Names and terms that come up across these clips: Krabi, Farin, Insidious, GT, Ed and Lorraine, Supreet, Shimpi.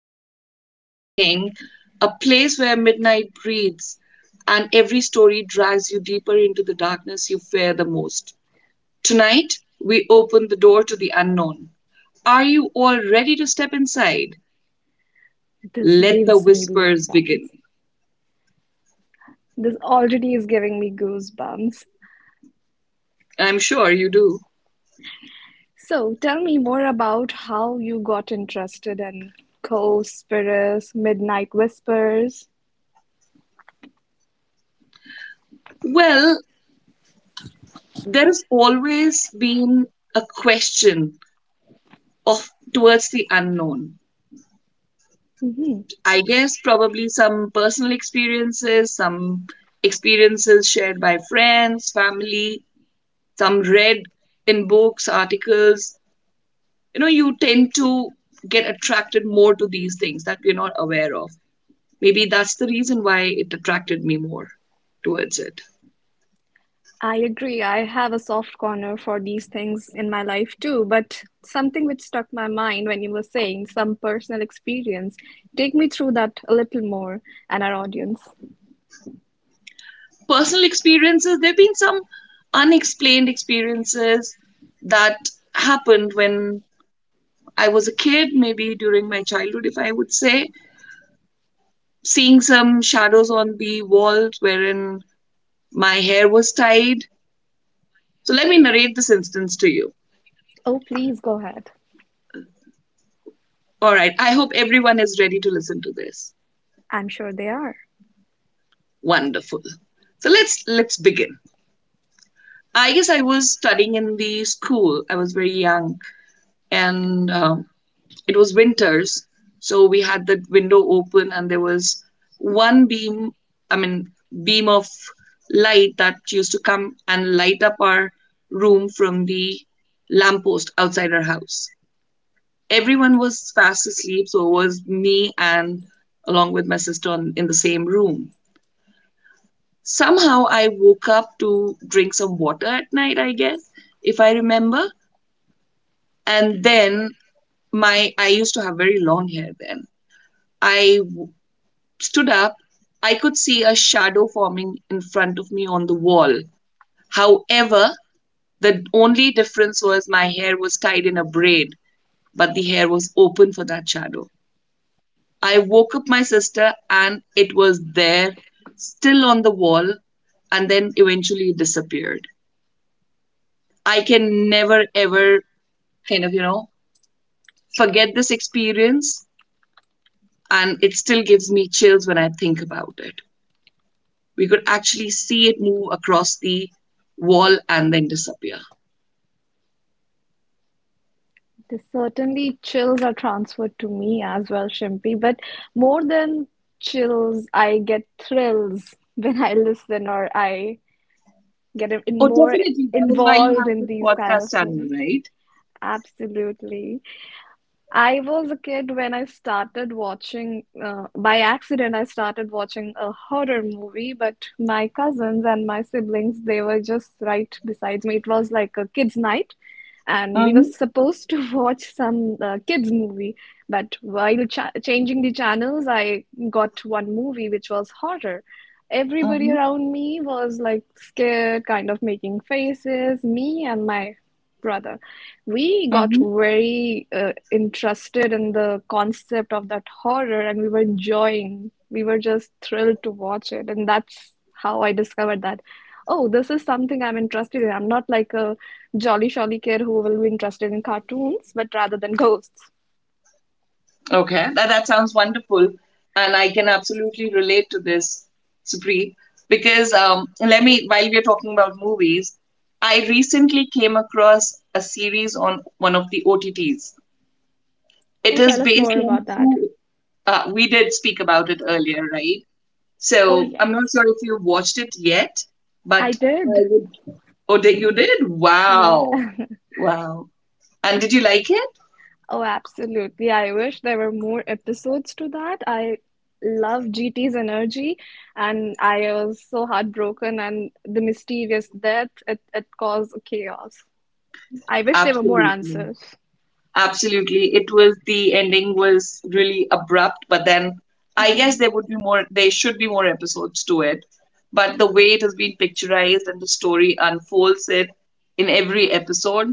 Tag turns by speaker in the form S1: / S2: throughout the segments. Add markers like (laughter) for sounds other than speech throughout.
S1: Supreet. Thanks for asking. A place where midnight breathes and every story drags you deeper into the darkness you fear the most. Tonight, we open the door to the unknown. Are you all ready to step inside?
S2: This
S1: Let the
S2: gives me
S1: whispers
S2: goosebumps.
S1: begin.
S2: This already is giving me goosebumps.
S1: I'm sure you do.
S2: So, tell me more about how you got interested in ghost spirits, midnight whispers.
S1: Well, there has always been a question of towards the unknown.
S2: Mhm.
S1: I guess probably some personal experiences, some experiences shared by friends, family, some read in books, articles. You know, you tend to get attracted more to these things that we're not aware of. Maybe that's the reason why it attracted me more towards it.
S2: I agree. I have a soft corner for these things in my life too, but something which stuck my mind when you were saying some personal experience. Take me through that a little more and our audience.
S1: Personal experiences, there have been some unexplained experiences that happened when I was a kid, maybe during my childhood, if I would say seeing some shadows on the walls wherein my hair was tied. So let me narrate this instance to you.
S2: Oh, please go ahead.
S1: All right, I hope everyone is ready to listen to this.
S2: I'm sure they are.
S1: Wonderful. So let's begin. I guess I was studying in the school. I was very young, and it was winters, so we had the window open and there was one beam I mean beam of light that used to come and light up our room from the lamppost outside our house. Everyone was fast asleep, so it was me and along with my sister in the same room. Somehow I woke up to drink some water at night, I guess, if I remember. And then my I used to have very long hair then. I stood up, I could see a shadow forming in front of me on the wall. However, the only difference was my hair was tied in a braid, but the hair was open for that shadow. I woke up my sister and it was there, still on the wall, and then eventually it disappeared. I can never ever kind of, you know, forget this experience, and it still gives me chills when I think about it. We could actually see it move across the wall and then disappear.
S2: This certainly chills are transferred to me as well, Shimpi, but more than chills, I get thrills (laughs) when I listen or I get
S1: Oh,
S2: in more
S1: definitely. That is why you
S2: involved
S1: have
S2: in
S1: the
S2: these kind
S1: podcast
S2: of
S1: channel,
S2: things.
S1: right?
S2: Absolutely. I was a kid when I started watching, by accident, I started watching a horror movie, but my cousins and my siblings, they were just right besides me. It was like a kids' night and we were
S1: Mm-hmm,
S2: supposed to (laughs) watch some kids movie but while changing the channels, I got one movie which was horror. Everybody
S1: mm-hmm,
S2: around me was like scared, kind of making faces. Me and my brother, we got
S1: mm-hmm.
S2: very interested in the concept of that horror and we were enjoying, we were just thrilled to watch it, and that's how I discovered that, oh, this is something I'm interested in. I'm not like a jolly jolly kid who will be interested in cartoons, but rather than ghosts.
S1: Okay, that sounds wonderful. And I can absolutely relate to this, Supri, because let me, while we're talking about movies, I recently came across a series on one of the OTTs. It
S2: Oh, tell
S1: is
S2: us more
S1: based on
S2: about that.
S1: true, we did speak about it earlier, right?
S2: Oh,
S1: So I'm not sure
S2: yes.
S1: if you watched it yet,
S2: I
S1: but I
S2: did.
S1: would, oh, did, you did?
S2: Yeah.
S1: Wow.
S2: (laughs)
S1: Wow. And did you like it?
S2: Oh, absolutely. I wish there were more episodes to that. I love GT's energy, and I was so heartbroken, and the mysterious death, it caused chaos. I wish there were more
S1: Absolutely.
S2: answers.
S1: Absolutely. It was, the ending was really abrupt, but then I guess
S2: Mm-hmm.
S1: there would be more, there should be more episodes to it. But the way it has been picturized and the story unfolds it in every episode,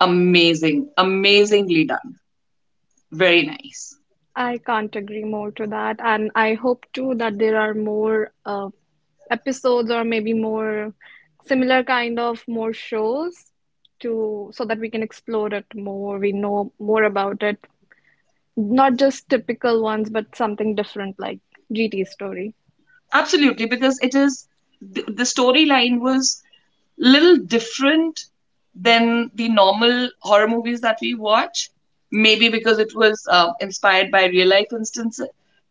S1: amazing, amazingly done. Very nice.
S2: I can't agree more to that. And I hope too that there are more episodes or maybe more similar kind of more shows to so that we can explore it more, we know more about it. Not just typical ones, but something different like GT story.
S1: Absolutely, because it is, the storyline was little different than the normal horror movies that we watch. Maybe because it was inspired by real life instance,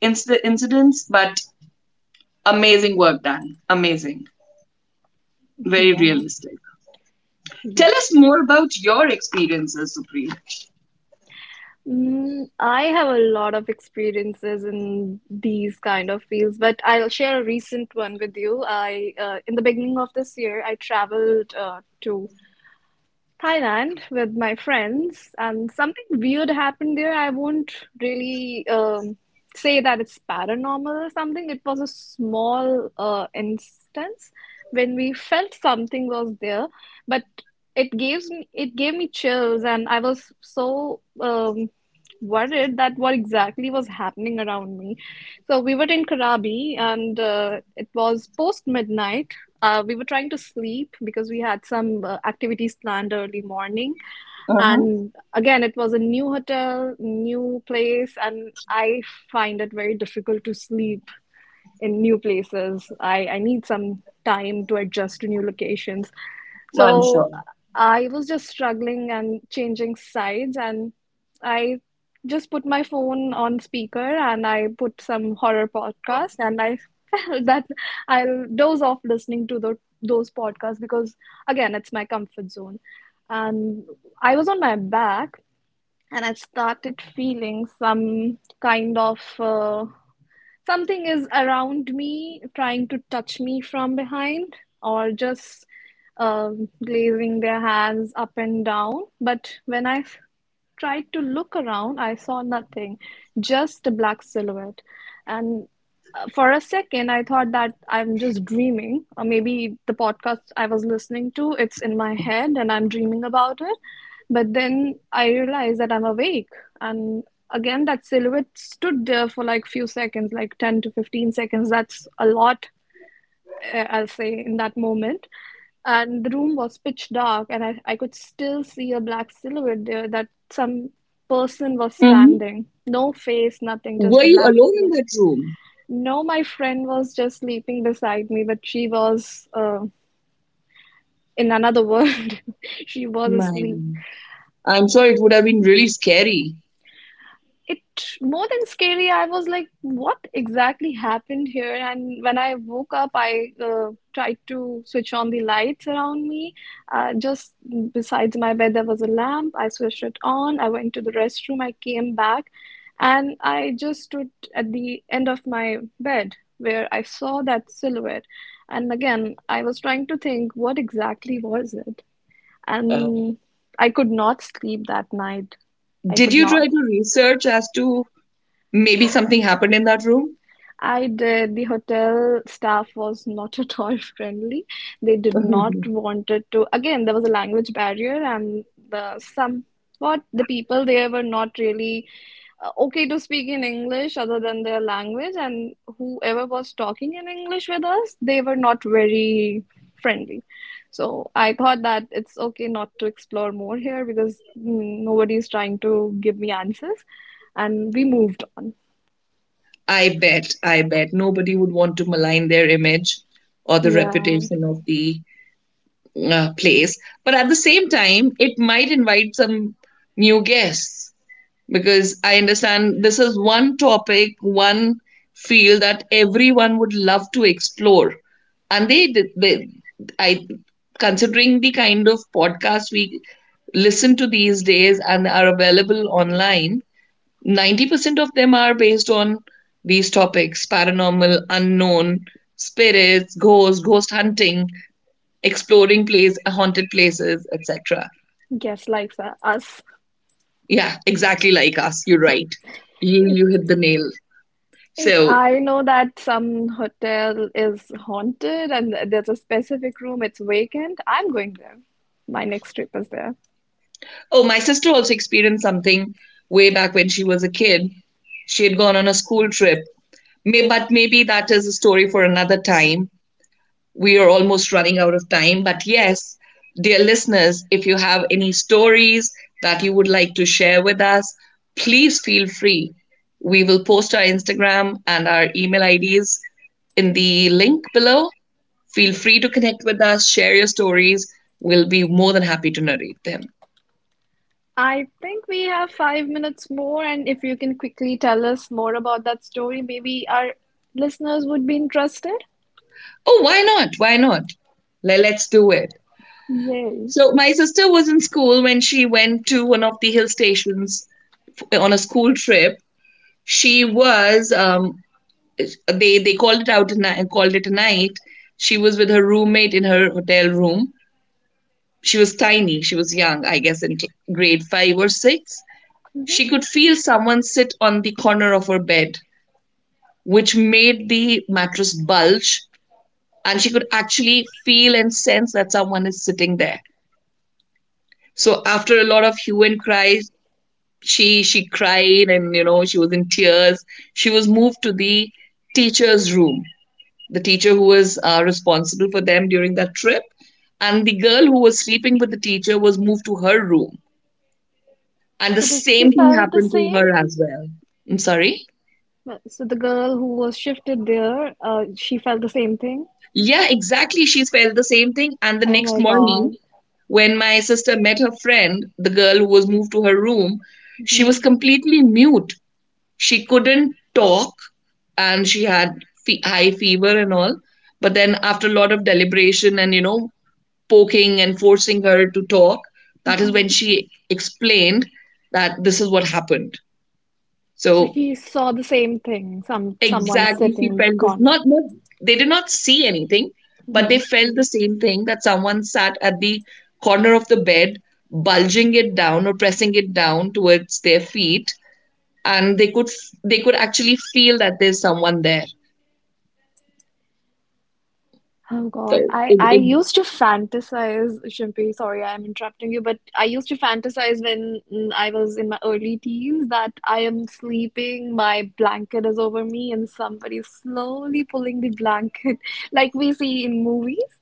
S1: incidents, but amazing work done. Amazing. Very
S2: Yeah,
S1: realistic. Tell us
S2: yes.
S1: more about your experiences, Supreet.
S2: Mm, I have a lot of experiences in these kind of fields, but I'll share a recent one with you. In the beginning of this year, I traveled to Thailand with my friends, and something weird happened there. I won't really say that it's paranormal or something. It was a small instance when we felt something was there, but it gave me chills, and I was so worried that what exactly was happening around me. So we were in Krabi and it was post midnight. We were trying to sleep because we had some activities planned early morning.
S1: Uh huh.
S2: And again, it was a new hotel, new place, and I find it very difficult to sleep in new places. I need some time to adjust to new locations.
S1: I'm
S2: So
S1: sure.
S2: I was just struggling and changing sides, and I just put my phone on speaker and I put some horror podcast, and I (laughs) felt that I'll doze off listening to the those podcasts because, again, it's my comfort zone. And I was on my back and I started feeling some kind of something is around me, trying to touch me from behind, or just glazing their hands up and down. But when I tried to look around, I saw nothing, just a black silhouette. And for a second, I thought that I'm just dreaming, or maybe the podcast I was listening to, it's in my head and I'm dreaming about it. But then I realized that I'm awake. And again, that silhouette stood there for like few seconds, like 10 to 15 seconds. That's a lot, I'll say, in that moment. And the room was pitch dark, and I could still see a black silhouette there that some person was
S1: Hmm.
S2: standing. No face, nothing, just
S1: Were
S2: a
S1: you
S2: black
S1: alone in
S2: silhouette.
S1: that room?
S2: No, my friend was just sleeping beside me, but she was in another world. (laughs) She was
S1: My
S2: asleep.
S1: room. I'm sure it would have been really scary.
S2: It, more than scary, I was like what exactly happened here. And when I woke up, I tried to switch on the lights around me. Just besides my bed there was a lamp, I switched it on, I went to the restroom, I came back and I just stood at the end of my bed where I saw that silhouette. And again I was trying to think what exactly was it.
S1: Uh,
S2: And I could not sleep that night I
S1: did
S2: could
S1: you
S2: not
S1: try to research as to maybe something happened in that room?
S2: I did. The hotel staff was not at all (laughs) friendly. They did not
S1: (laughs)
S2: wanted to. Again, there was a language barrier, and the somewhat the people there were not really okay to speak in English other than their language. And whoever was talking in English with us, they were not very friendly. So I thought that it's okay not to explore more here because mm, nobody is trying to give me answers, and we moved on.
S1: I bet nobody would want to malign their image or the
S2: Yeah.
S1: reputation of the place. But at the same time, it might invite some new guests, because I understand this is one topic, one field that everyone would love to explore. And I, considering the kind of podcasts we listen to these days and are available online, 90% of them are based on these topics: paranormal, unknown, spirits, ghosts, ghost hunting, exploring place, haunted places, etc.
S2: Guests like us.
S1: Yeah, exactly like us. You're right.
S2: If
S1: You hit the nail.
S2: if
S1: So,
S2: I know that some hotel is haunted and there's a specific room, it's vacant, I'm going there. My next trip is there.
S1: oh, my sister also experienced something way back when she was a kid. She had gone on a school trip. Maybe that is a story for another time. We are almost running out of time. But yes, dear listeners, if you have any stories that you would like to share with us, please feel free. We will post our Instagram and our email IDs in the link below. Feel free to connect with us, share your stories. We'll be more than happy to narrate them.
S2: I think we have 5 minutes more, and if you can quickly tell us more about that story, maybe our listeners would be interested.
S1: Oh, why not? Why not? Let's do it.
S2: Yay.
S1: So, my sister was in school when she went to one of the hill stations on a school trip. She was they called it out and called it a night. She was with her roommate in her hotel room. She was tiny. She was young, I guess, in grade five or six.
S2: Hmm.
S1: She could feel someone sit on the corner of her bed, which made the mattress bulge, and she could actually feel and sense that someone is sitting there. So after a lot of hue and cry, she cried, and you know, she was in tears. She was moved to the teacher's room, the teacher who was responsible for them during that trip. And the girl who was sleeping with the teacher was moved to her room. And the
S2: So did she
S1: same thing
S2: felt the
S1: happened to
S2: same?
S1: her as well. I'm sorry?
S2: Well, so the girl who was shifted there, she felt the same thing.
S1: Yeah, exactly. She felt the same thing. And the
S2: Oh
S1: next
S2: my
S1: morning,
S2: God.
S1: when my sister met her friend, the girl who was moved to her room, she
S2: Hmm.
S1: was completely mute. She couldn't talk, and she had high fever and all. But then, after a lot of deliberation and, you know, poking and forcing her to talk, that is when she explained that this is what happened.
S2: So
S1: So
S2: he saw the same thing. Some someone
S1: exactly,
S2: sitting
S1: she
S2: in the
S1: felt this.
S2: corner.
S1: Not, they did not see anything, but they
S2: Mhm.
S1: felt the same thing, that someone sat at the corner of the bed, bulging it down or pressing it down towards their feet, and they could actually feel that there's someone there.
S2: Oh
S1: So
S2: God, I
S1: it,
S2: I
S1: it
S2: used to fantasize, Shimpi. Sorry, I'm interrupting you, but I used to fantasize when mm, I was in my early teens that I am sleeping, my blanket is over me, and somebody is slowly pulling the blanket, (laughs) like we see in movies.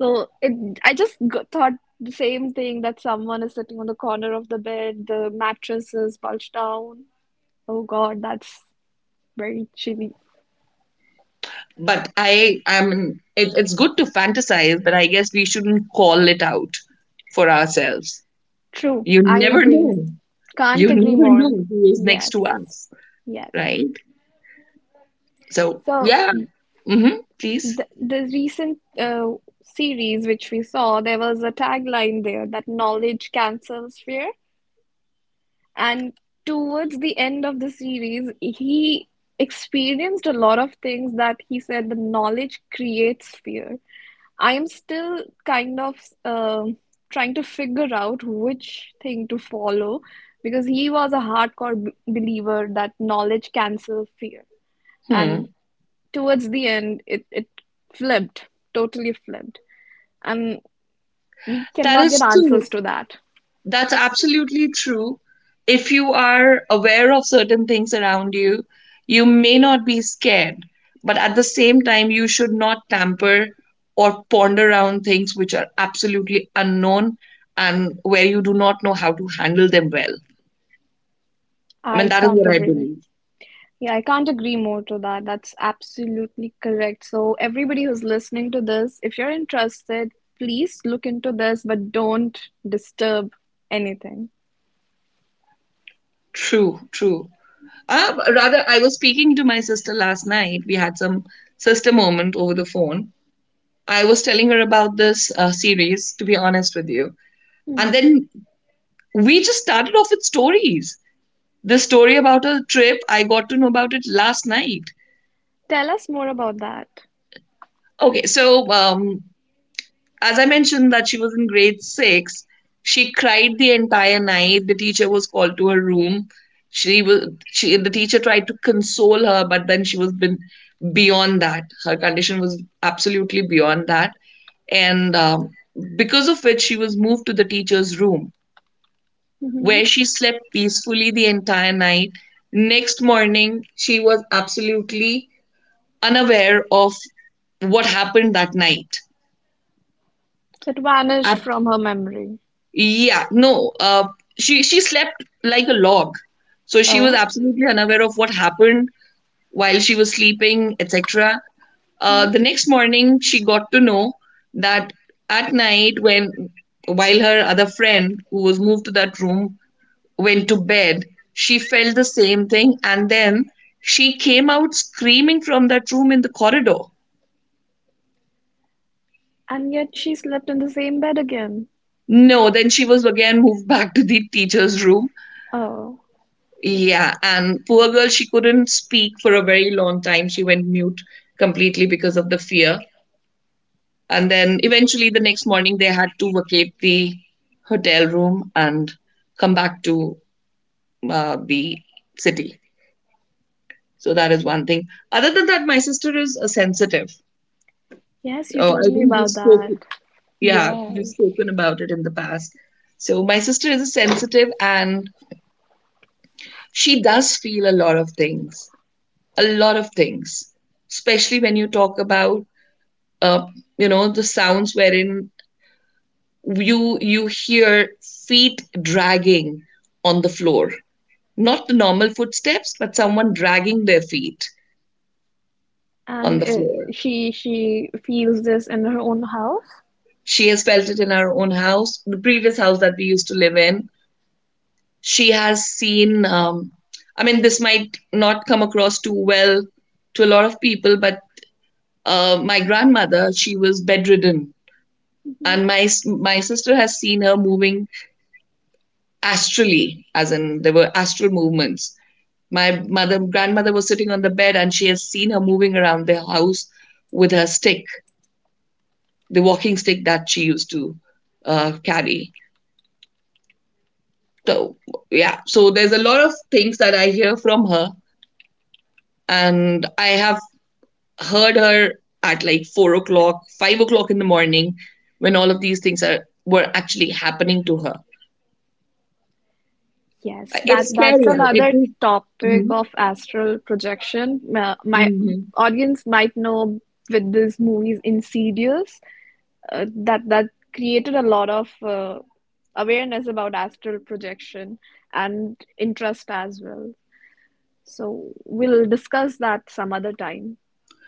S2: So I just thought the same thing that someone is sitting on the corner of the bed, the mattress is bulged down. Oh God, that's very chilly.
S1: but I am. It's good to fantasize, but I guess we shouldn't call it out for ourselves.
S2: True,
S1: You
S2: I
S1: never
S2: agree.
S1: know. You
S2: Can't agree
S1: never
S2: more.
S1: know who is next
S2: Yes,
S1: to us,
S2: yes.
S1: right? So
S2: So
S1: yeah. Hmm. Please.
S2: the recent series which we saw, there was a tagline there that knowledge cancels fear. And towards the end of the series, he experienced a lot of things that he said the knowledge creates fear. I'm still kind of um trying to figure out which thing to follow because he was a hardcore b believer that knowledge cancels fear. And
S1: Hmm.
S2: towards the end, it flipped, totally flipped. And we
S1: That
S2: cannot get
S1: is true.
S2: answers to that.
S1: That's absolutely true. If you are aware of certain things around you, you may not be scared, but at the same time, you should not tamper or ponder around things which are absolutely unknown and where you do not know how to handle them well. I mean,
S2: I
S1: that is
S2: can't
S1: what I
S2: agree.
S1: believe.
S2: Yeah, I can't agree more to that. That's absolutely correct. So, everybody who's listening to this, if you're interested, please look into this, but don't disturb anything.
S1: True, true. Rather, I was speaking to my sister last night. We had some sister moment over the phone. I was telling her about this series, to be honest with you. And
S2: Hmm.
S1: then we just started off with stories. The story about a trip, I got to know about it last night.
S2: Tell us more about that.
S1: Okay, so as I mentioned, that she was in grade six, she cried the entire night. The teacher was called to her room. She was she the teacher tried to console her, but then she was been beyond that. Her condition was absolutely beyond that, and because of which she was moved to the teacher's room,
S2: Hmm.
S1: where she slept peacefully the entire night. Next morning, she was absolutely unaware of what happened that night.
S2: So it vanished
S1: Ab-
S2: from her memory.
S1: yeah, no, she slept like a log, so she was
S2: Oh,
S1: absolutely unaware of what happened while she was sleeping, etc. The next morning, she got to know that at night, when, while her other friend who was moved to that room went to bed, she felt the same thing. And then she came out screaming from that room in the corridor.
S2: and yet she slept in the same bed again.
S1: No, then she was again moved back to the teacher's room.
S2: Oh,
S1: Yeah, and poor girl, she couldn't speak for a very long time. She went mute completely because of the fear. And then eventually, the next morning, they had to vacate the hotel room and come back to the city. So that is one thing. Other than that, my sister is a sensitive.
S2: yes, you
S1: Oh, I
S2: told me
S1: think we've
S2: about that.
S1: spoken. Yeah,
S2: Yes.
S1: we've spoken about it in the past. So my sister is a sensitive and she does feel a lot of things, a lot of things, especially when you talk about uh, you know, the sounds wherein you hear feet dragging on the floor. Not the normal footsteps, but someone dragging their feet on
S2: And
S1: the floor.
S2: she feels this in her own house.
S1: She has felt it in our own house, the previous house that we used to live in. She has seen I mean, this might not come across too well to a lot of people, but my grandmother, she was bedridden. And my sister has seen her moving astrally, as in there were astral movements. My mother grandmother was sitting on the bed and she has seen her moving around the house with her stick, the walking stick that she used to carry. So yeah, so there's a lot of things that I hear from her. And I have heard her at like 4 o'clock, 5 o'clock in the morning, when all of these things are were actually happening to her.
S2: Yes,
S1: Like,
S2: that
S1: it's scary.
S2: that's
S1: It
S2: another
S1: is.
S2: topic
S1: Mm-hmm.
S2: of astral projection. My
S1: Mm-hmm.
S2: audience might know with this movie's Insidious. That created a lot of awareness about astral projection and interest as well. So we'll discuss that some other time.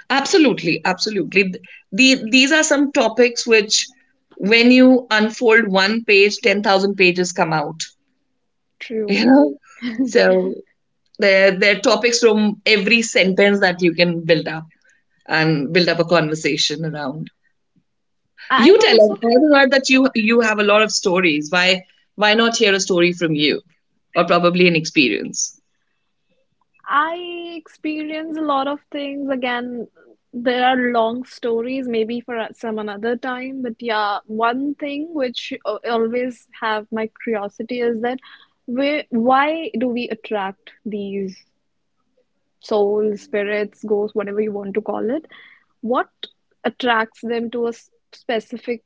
S1: Absolutely, absolutely. These are some topics which, when you unfold one page, 10,000 pages come out. (laughs) You
S2: True.
S1: know, so they're topics from every sentence that you can build up and build up a conversation around. You
S2: I've
S1: tell
S2: also
S1: us. I've heard that you have a lot of stories. Why not hear a story from you or probably an experience?
S2: I experience a lot of things. Again, there are long stories, maybe for some another time. But yeah, one thing which always have my curiosity is that where why do we attract these soul spirits, ghosts, whatever you want to call it, what attracts them to a specific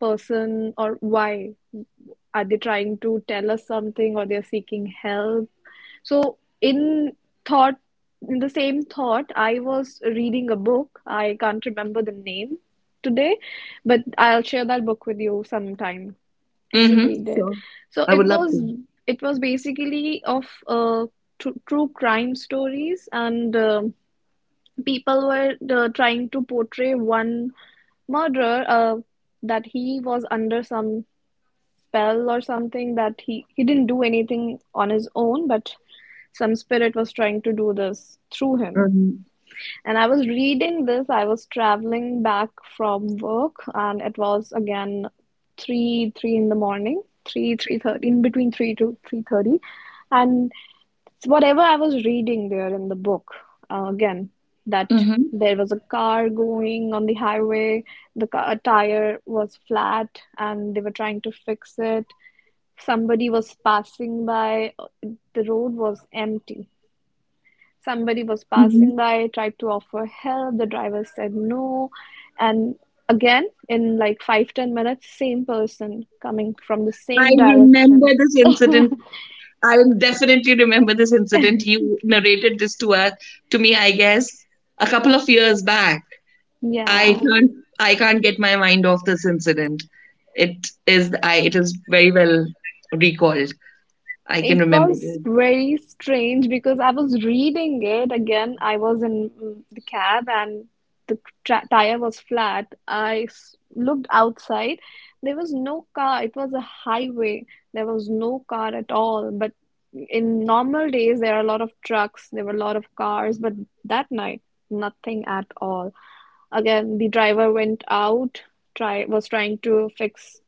S2: person or why? Are they trying to tell us something or they're seeking help? So, in thought, in the same thought, I was reading a book. I can't remember the name today, but I'll share that book with you sometime. You should
S1: Mm-hmm.
S2: read it.
S1: So
S2: So
S1: I would love to.
S2: it was basically of tr true crime stories, and people were trying to portray one murderer that he was under some spell or something that he didn't do anything on his own, but some spirit was trying to do this through him.
S1: Mm-hmm.
S2: And I was reading this, I was traveling back from work, and it was again three, three in the morning, three, 3:30, in between 3 to 3:30, and whatever I was reading there in the book, again, that
S1: Mm-hmm.
S2: there was a car going on the highway, the car, tire was flat, and they were trying to fix it. Somebody was passing by, the road was empty. Somebody was
S1: Mm-hmm.
S2: passing by, tried to offer help. The driver said no. And again, in like five, 10 minutes, same person coming from the
S1: I
S2: same
S1: remember
S2: direction.
S1: this incident. I definitely remember this incident. You narrated this to us to me, I guess, a couple of years back.
S2: Yeah.
S1: I can't I can't get my mind off this incident. It is I it is very well recalled. I can
S2: It
S1: remember
S2: was very strange because I was reading it again. I was in mm, the cab and the tra tire was flat. I s looked outside. There was no car. It was a highway. There was no car at all. But in normal days, there are a lot of trucks. There were a lot of cars. But that night, nothing at all. Again, the driver went out, try was trying to fix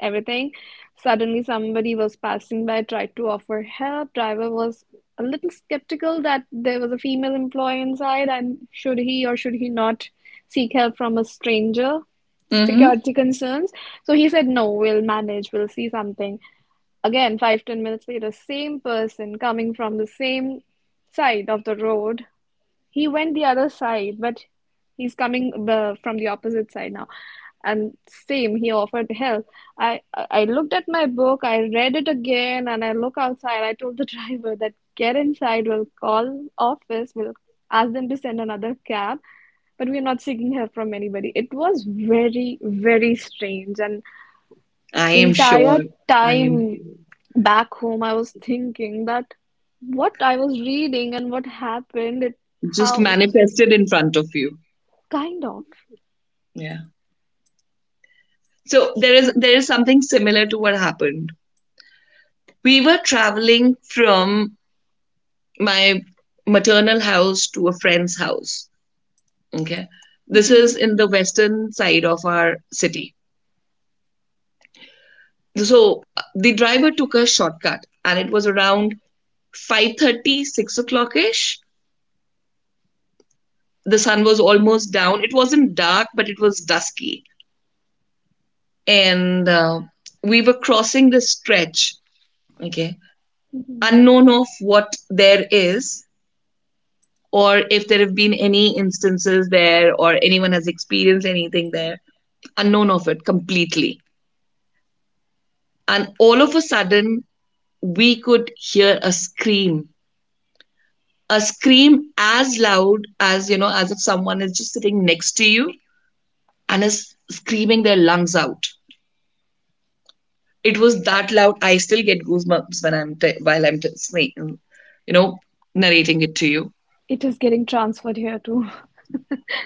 S2: everything. Suddenly, somebody was passing by, tried to offer help. Driver was a little skeptical that there was a female employee inside, and should he or should he not seek help from a stranger?
S1: this.
S2: Security concerns. So he said, no, we'll manage, we'll see something. Again, five, 10 minutes later, same person coming from the same side of the road. He went the other side, but he's coming from the opposite side now. And same, he offered help. I looked at my book, I read it again, and I look outside. I told the (laughs) driver that get inside, we'll call office, we'll ask them to send another cab, but we're not seeking help from anybody. It was very, very strange, and
S1: I
S2: the
S1: am
S2: entire
S1: sure. I am
S2: time back home, I was thinking that what I was reading and what happened, it
S1: just
S2: how.
S1: manifested in front of you.
S2: Kind of.
S1: Yeah. So there is something similar to what happened. We were traveling from my maternal house to a friend's house. Okay. This is
S2: Hmm.
S1: in the western side of our city. So the driver took a shortcut and it was around 5:30, 6 o'clock ish. The sun was almost down, it wasn't dark but it was dusky. And we were crossing this stretch, okay, unknown of what there is or if there have been any instances there or anyone has experienced anything there, unknown of it completely. And all of a sudden, we could hear a scream, a scream as loud as, you know, as if someone is just sitting next to you and is screaming their lungs out. It was that loud. I still get goosebumps when while I'm you know narrating it to you.
S2: It is getting transferred here too.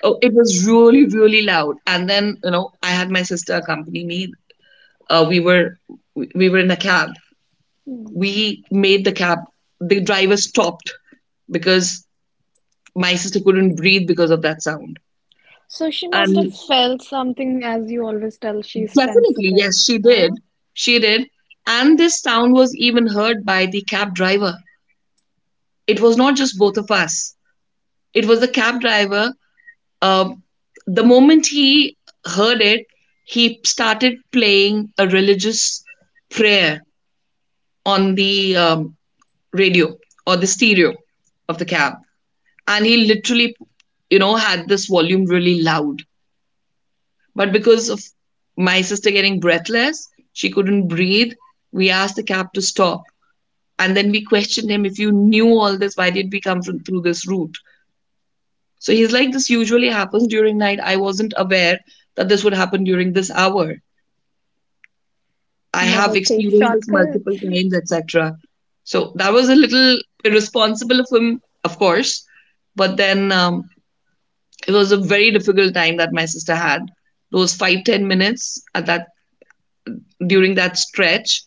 S1: Oh, it was really, really loud. And then, you know, I had my sister accompany me. Uh, we were we were in a cab. We made the cab. The driver stopped because my sister couldn't breathe because of that sound.
S2: So she must have
S1: And
S2: felt something, as you always tell, she's
S1: definitely,
S2: sensitive.
S1: yes, she
S2: Yeah?
S1: did. She did. And this sound was even heard by the cab driver. It was not just both of us. It was the cab driver. Um, the moment he heard it, he started playing a religious prayer on the radio or the stereo of the cab. And he literally, you know, had this volume really loud. But because of my sister getting breathless, she couldn't breathe. We asked the cab to stop. And then we questioned him, if you knew all this, why did we come from, through this route? So he's like, this usually happens during night. I wasn't aware that this would happen during this hour. I
S2: Never
S1: have
S2: take
S1: experienced this multiple
S2: shortcuts.
S1: times, etc. So that was a little irresponsible of him, of course. But then it was a very difficult time that my sister had. Those 5 10 minutes at that during that stretch,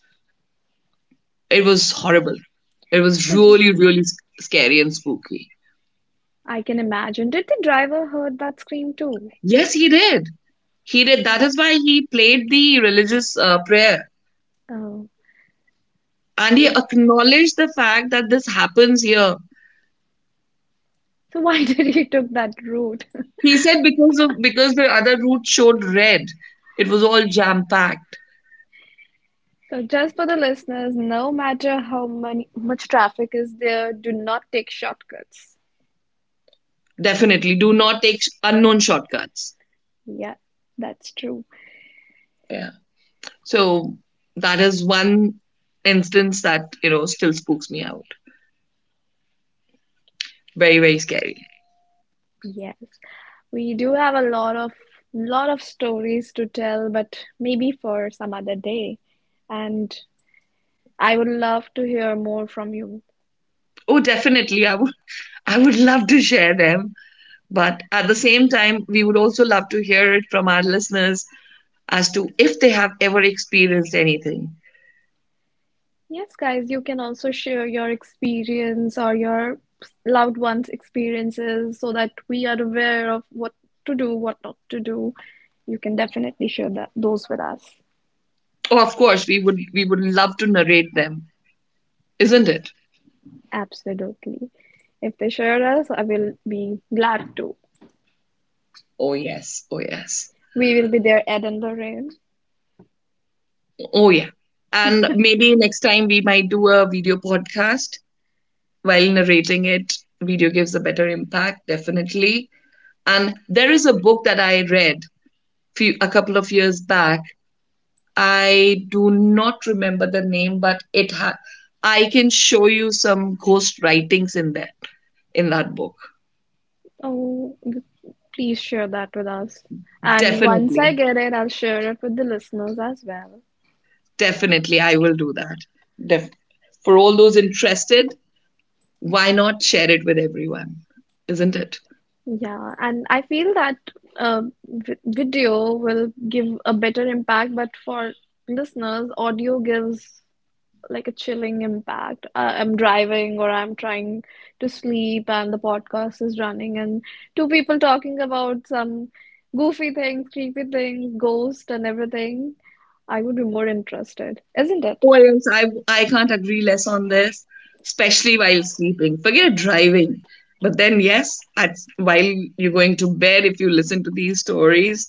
S1: it was horrible. It was
S2: So
S1: really, really scary and spooky.
S2: I can imagine. Did the driver heard that scream too?
S1: Yes, he did. He did. That is why he played the religious prayer.
S2: Oh,
S1: And he
S2: so
S1: acknowledged the fact that this happens here.
S2: so why (laughs) did he took that route? (laughs)
S1: He said because of because the other route showed red, it was all jam packed.
S2: So just for the listeners, no matter how many much traffic is there, do not take shortcuts.
S1: Definitely, do not take unknown shortcuts.
S2: Yeah, that's true.
S1: Yeah. So that is one instance that, you know, still spooks me out. Very very scary.
S2: Yes. We do have a lot of stories to tell, but maybe for some other day. And I would love to hear more from you.
S1: Oh, definitely, I would (laughs) I would love to share them, but at the same time, we would also love to hear it from our listeners as to if they have ever experienced anything.
S2: Yes, guys, you can also share your experience or your loved ones' experiences so that we are aware of what to do, what not to do. You can definitely share that those with us.
S1: Oh, of course, we would love to narrate them, isn't it?
S2: Absolutely. If they share us, I will be glad to.
S1: Oh yes, oh yes.
S2: We will be there, Ed and Lorraine.
S1: Oh, yeah. And maybe next time we might do a video podcast while narrating it. Video gives a better impact, definitely. And there is a book that I read a couple of years back. I do not remember the name, but I can show you some ghost writings in there in that book.
S2: Oh, please share that with us. And once I
S1: Definitely,
S2: get it, I'll share it with the listeners as well.
S1: definitely, I will do that. Def- for all those interested, why not share it with everyone? Isn't it?
S2: Yeah, and I feel that uh, v video will give a better impact, but for listeners, audio gives like a chilling impact. I'm driving or I'm trying to sleep, and the podcast is running, and two people talking about some goofy things, creepy things, ghost, and everything. I would be more interested, isn't it?
S1: Oh yes, I can't agree less on this, especially while sleeping. Forget driving. But then, yes, while you're going to bed, if you listen to these stories,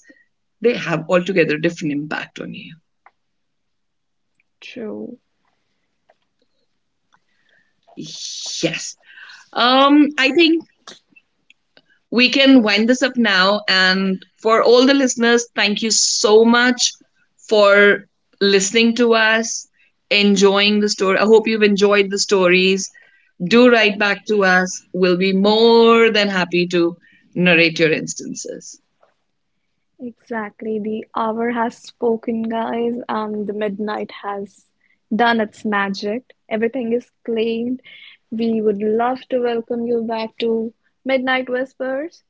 S1: they have altogether different impact on you.
S2: True.
S1: Yes. I think we can wind this up now. And for all the listeners, thank you so much for listening to us, enjoying the story. I hope you've enjoyed the stories. Do write back to us. We'll be more than happy to narrate your instances.
S2: Exactly. The hour has spoken, guys, and the midnight has done its magic. Everything is claimed. We would love to welcome you back to Midnight Whispers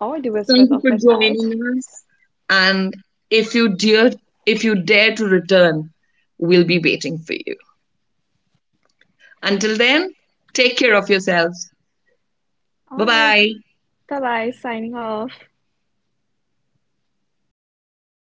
S2: or the
S1: Thank
S2: Whispers
S1: you
S2: of
S1: for
S2: Midnight.
S1: joining us. And if you dare, if you dare to return, we'll be waiting for you. Until then, take care of yourselves.
S2: All
S1: Bye
S2: right.
S1: bye.
S2: Bye bye. Signing off.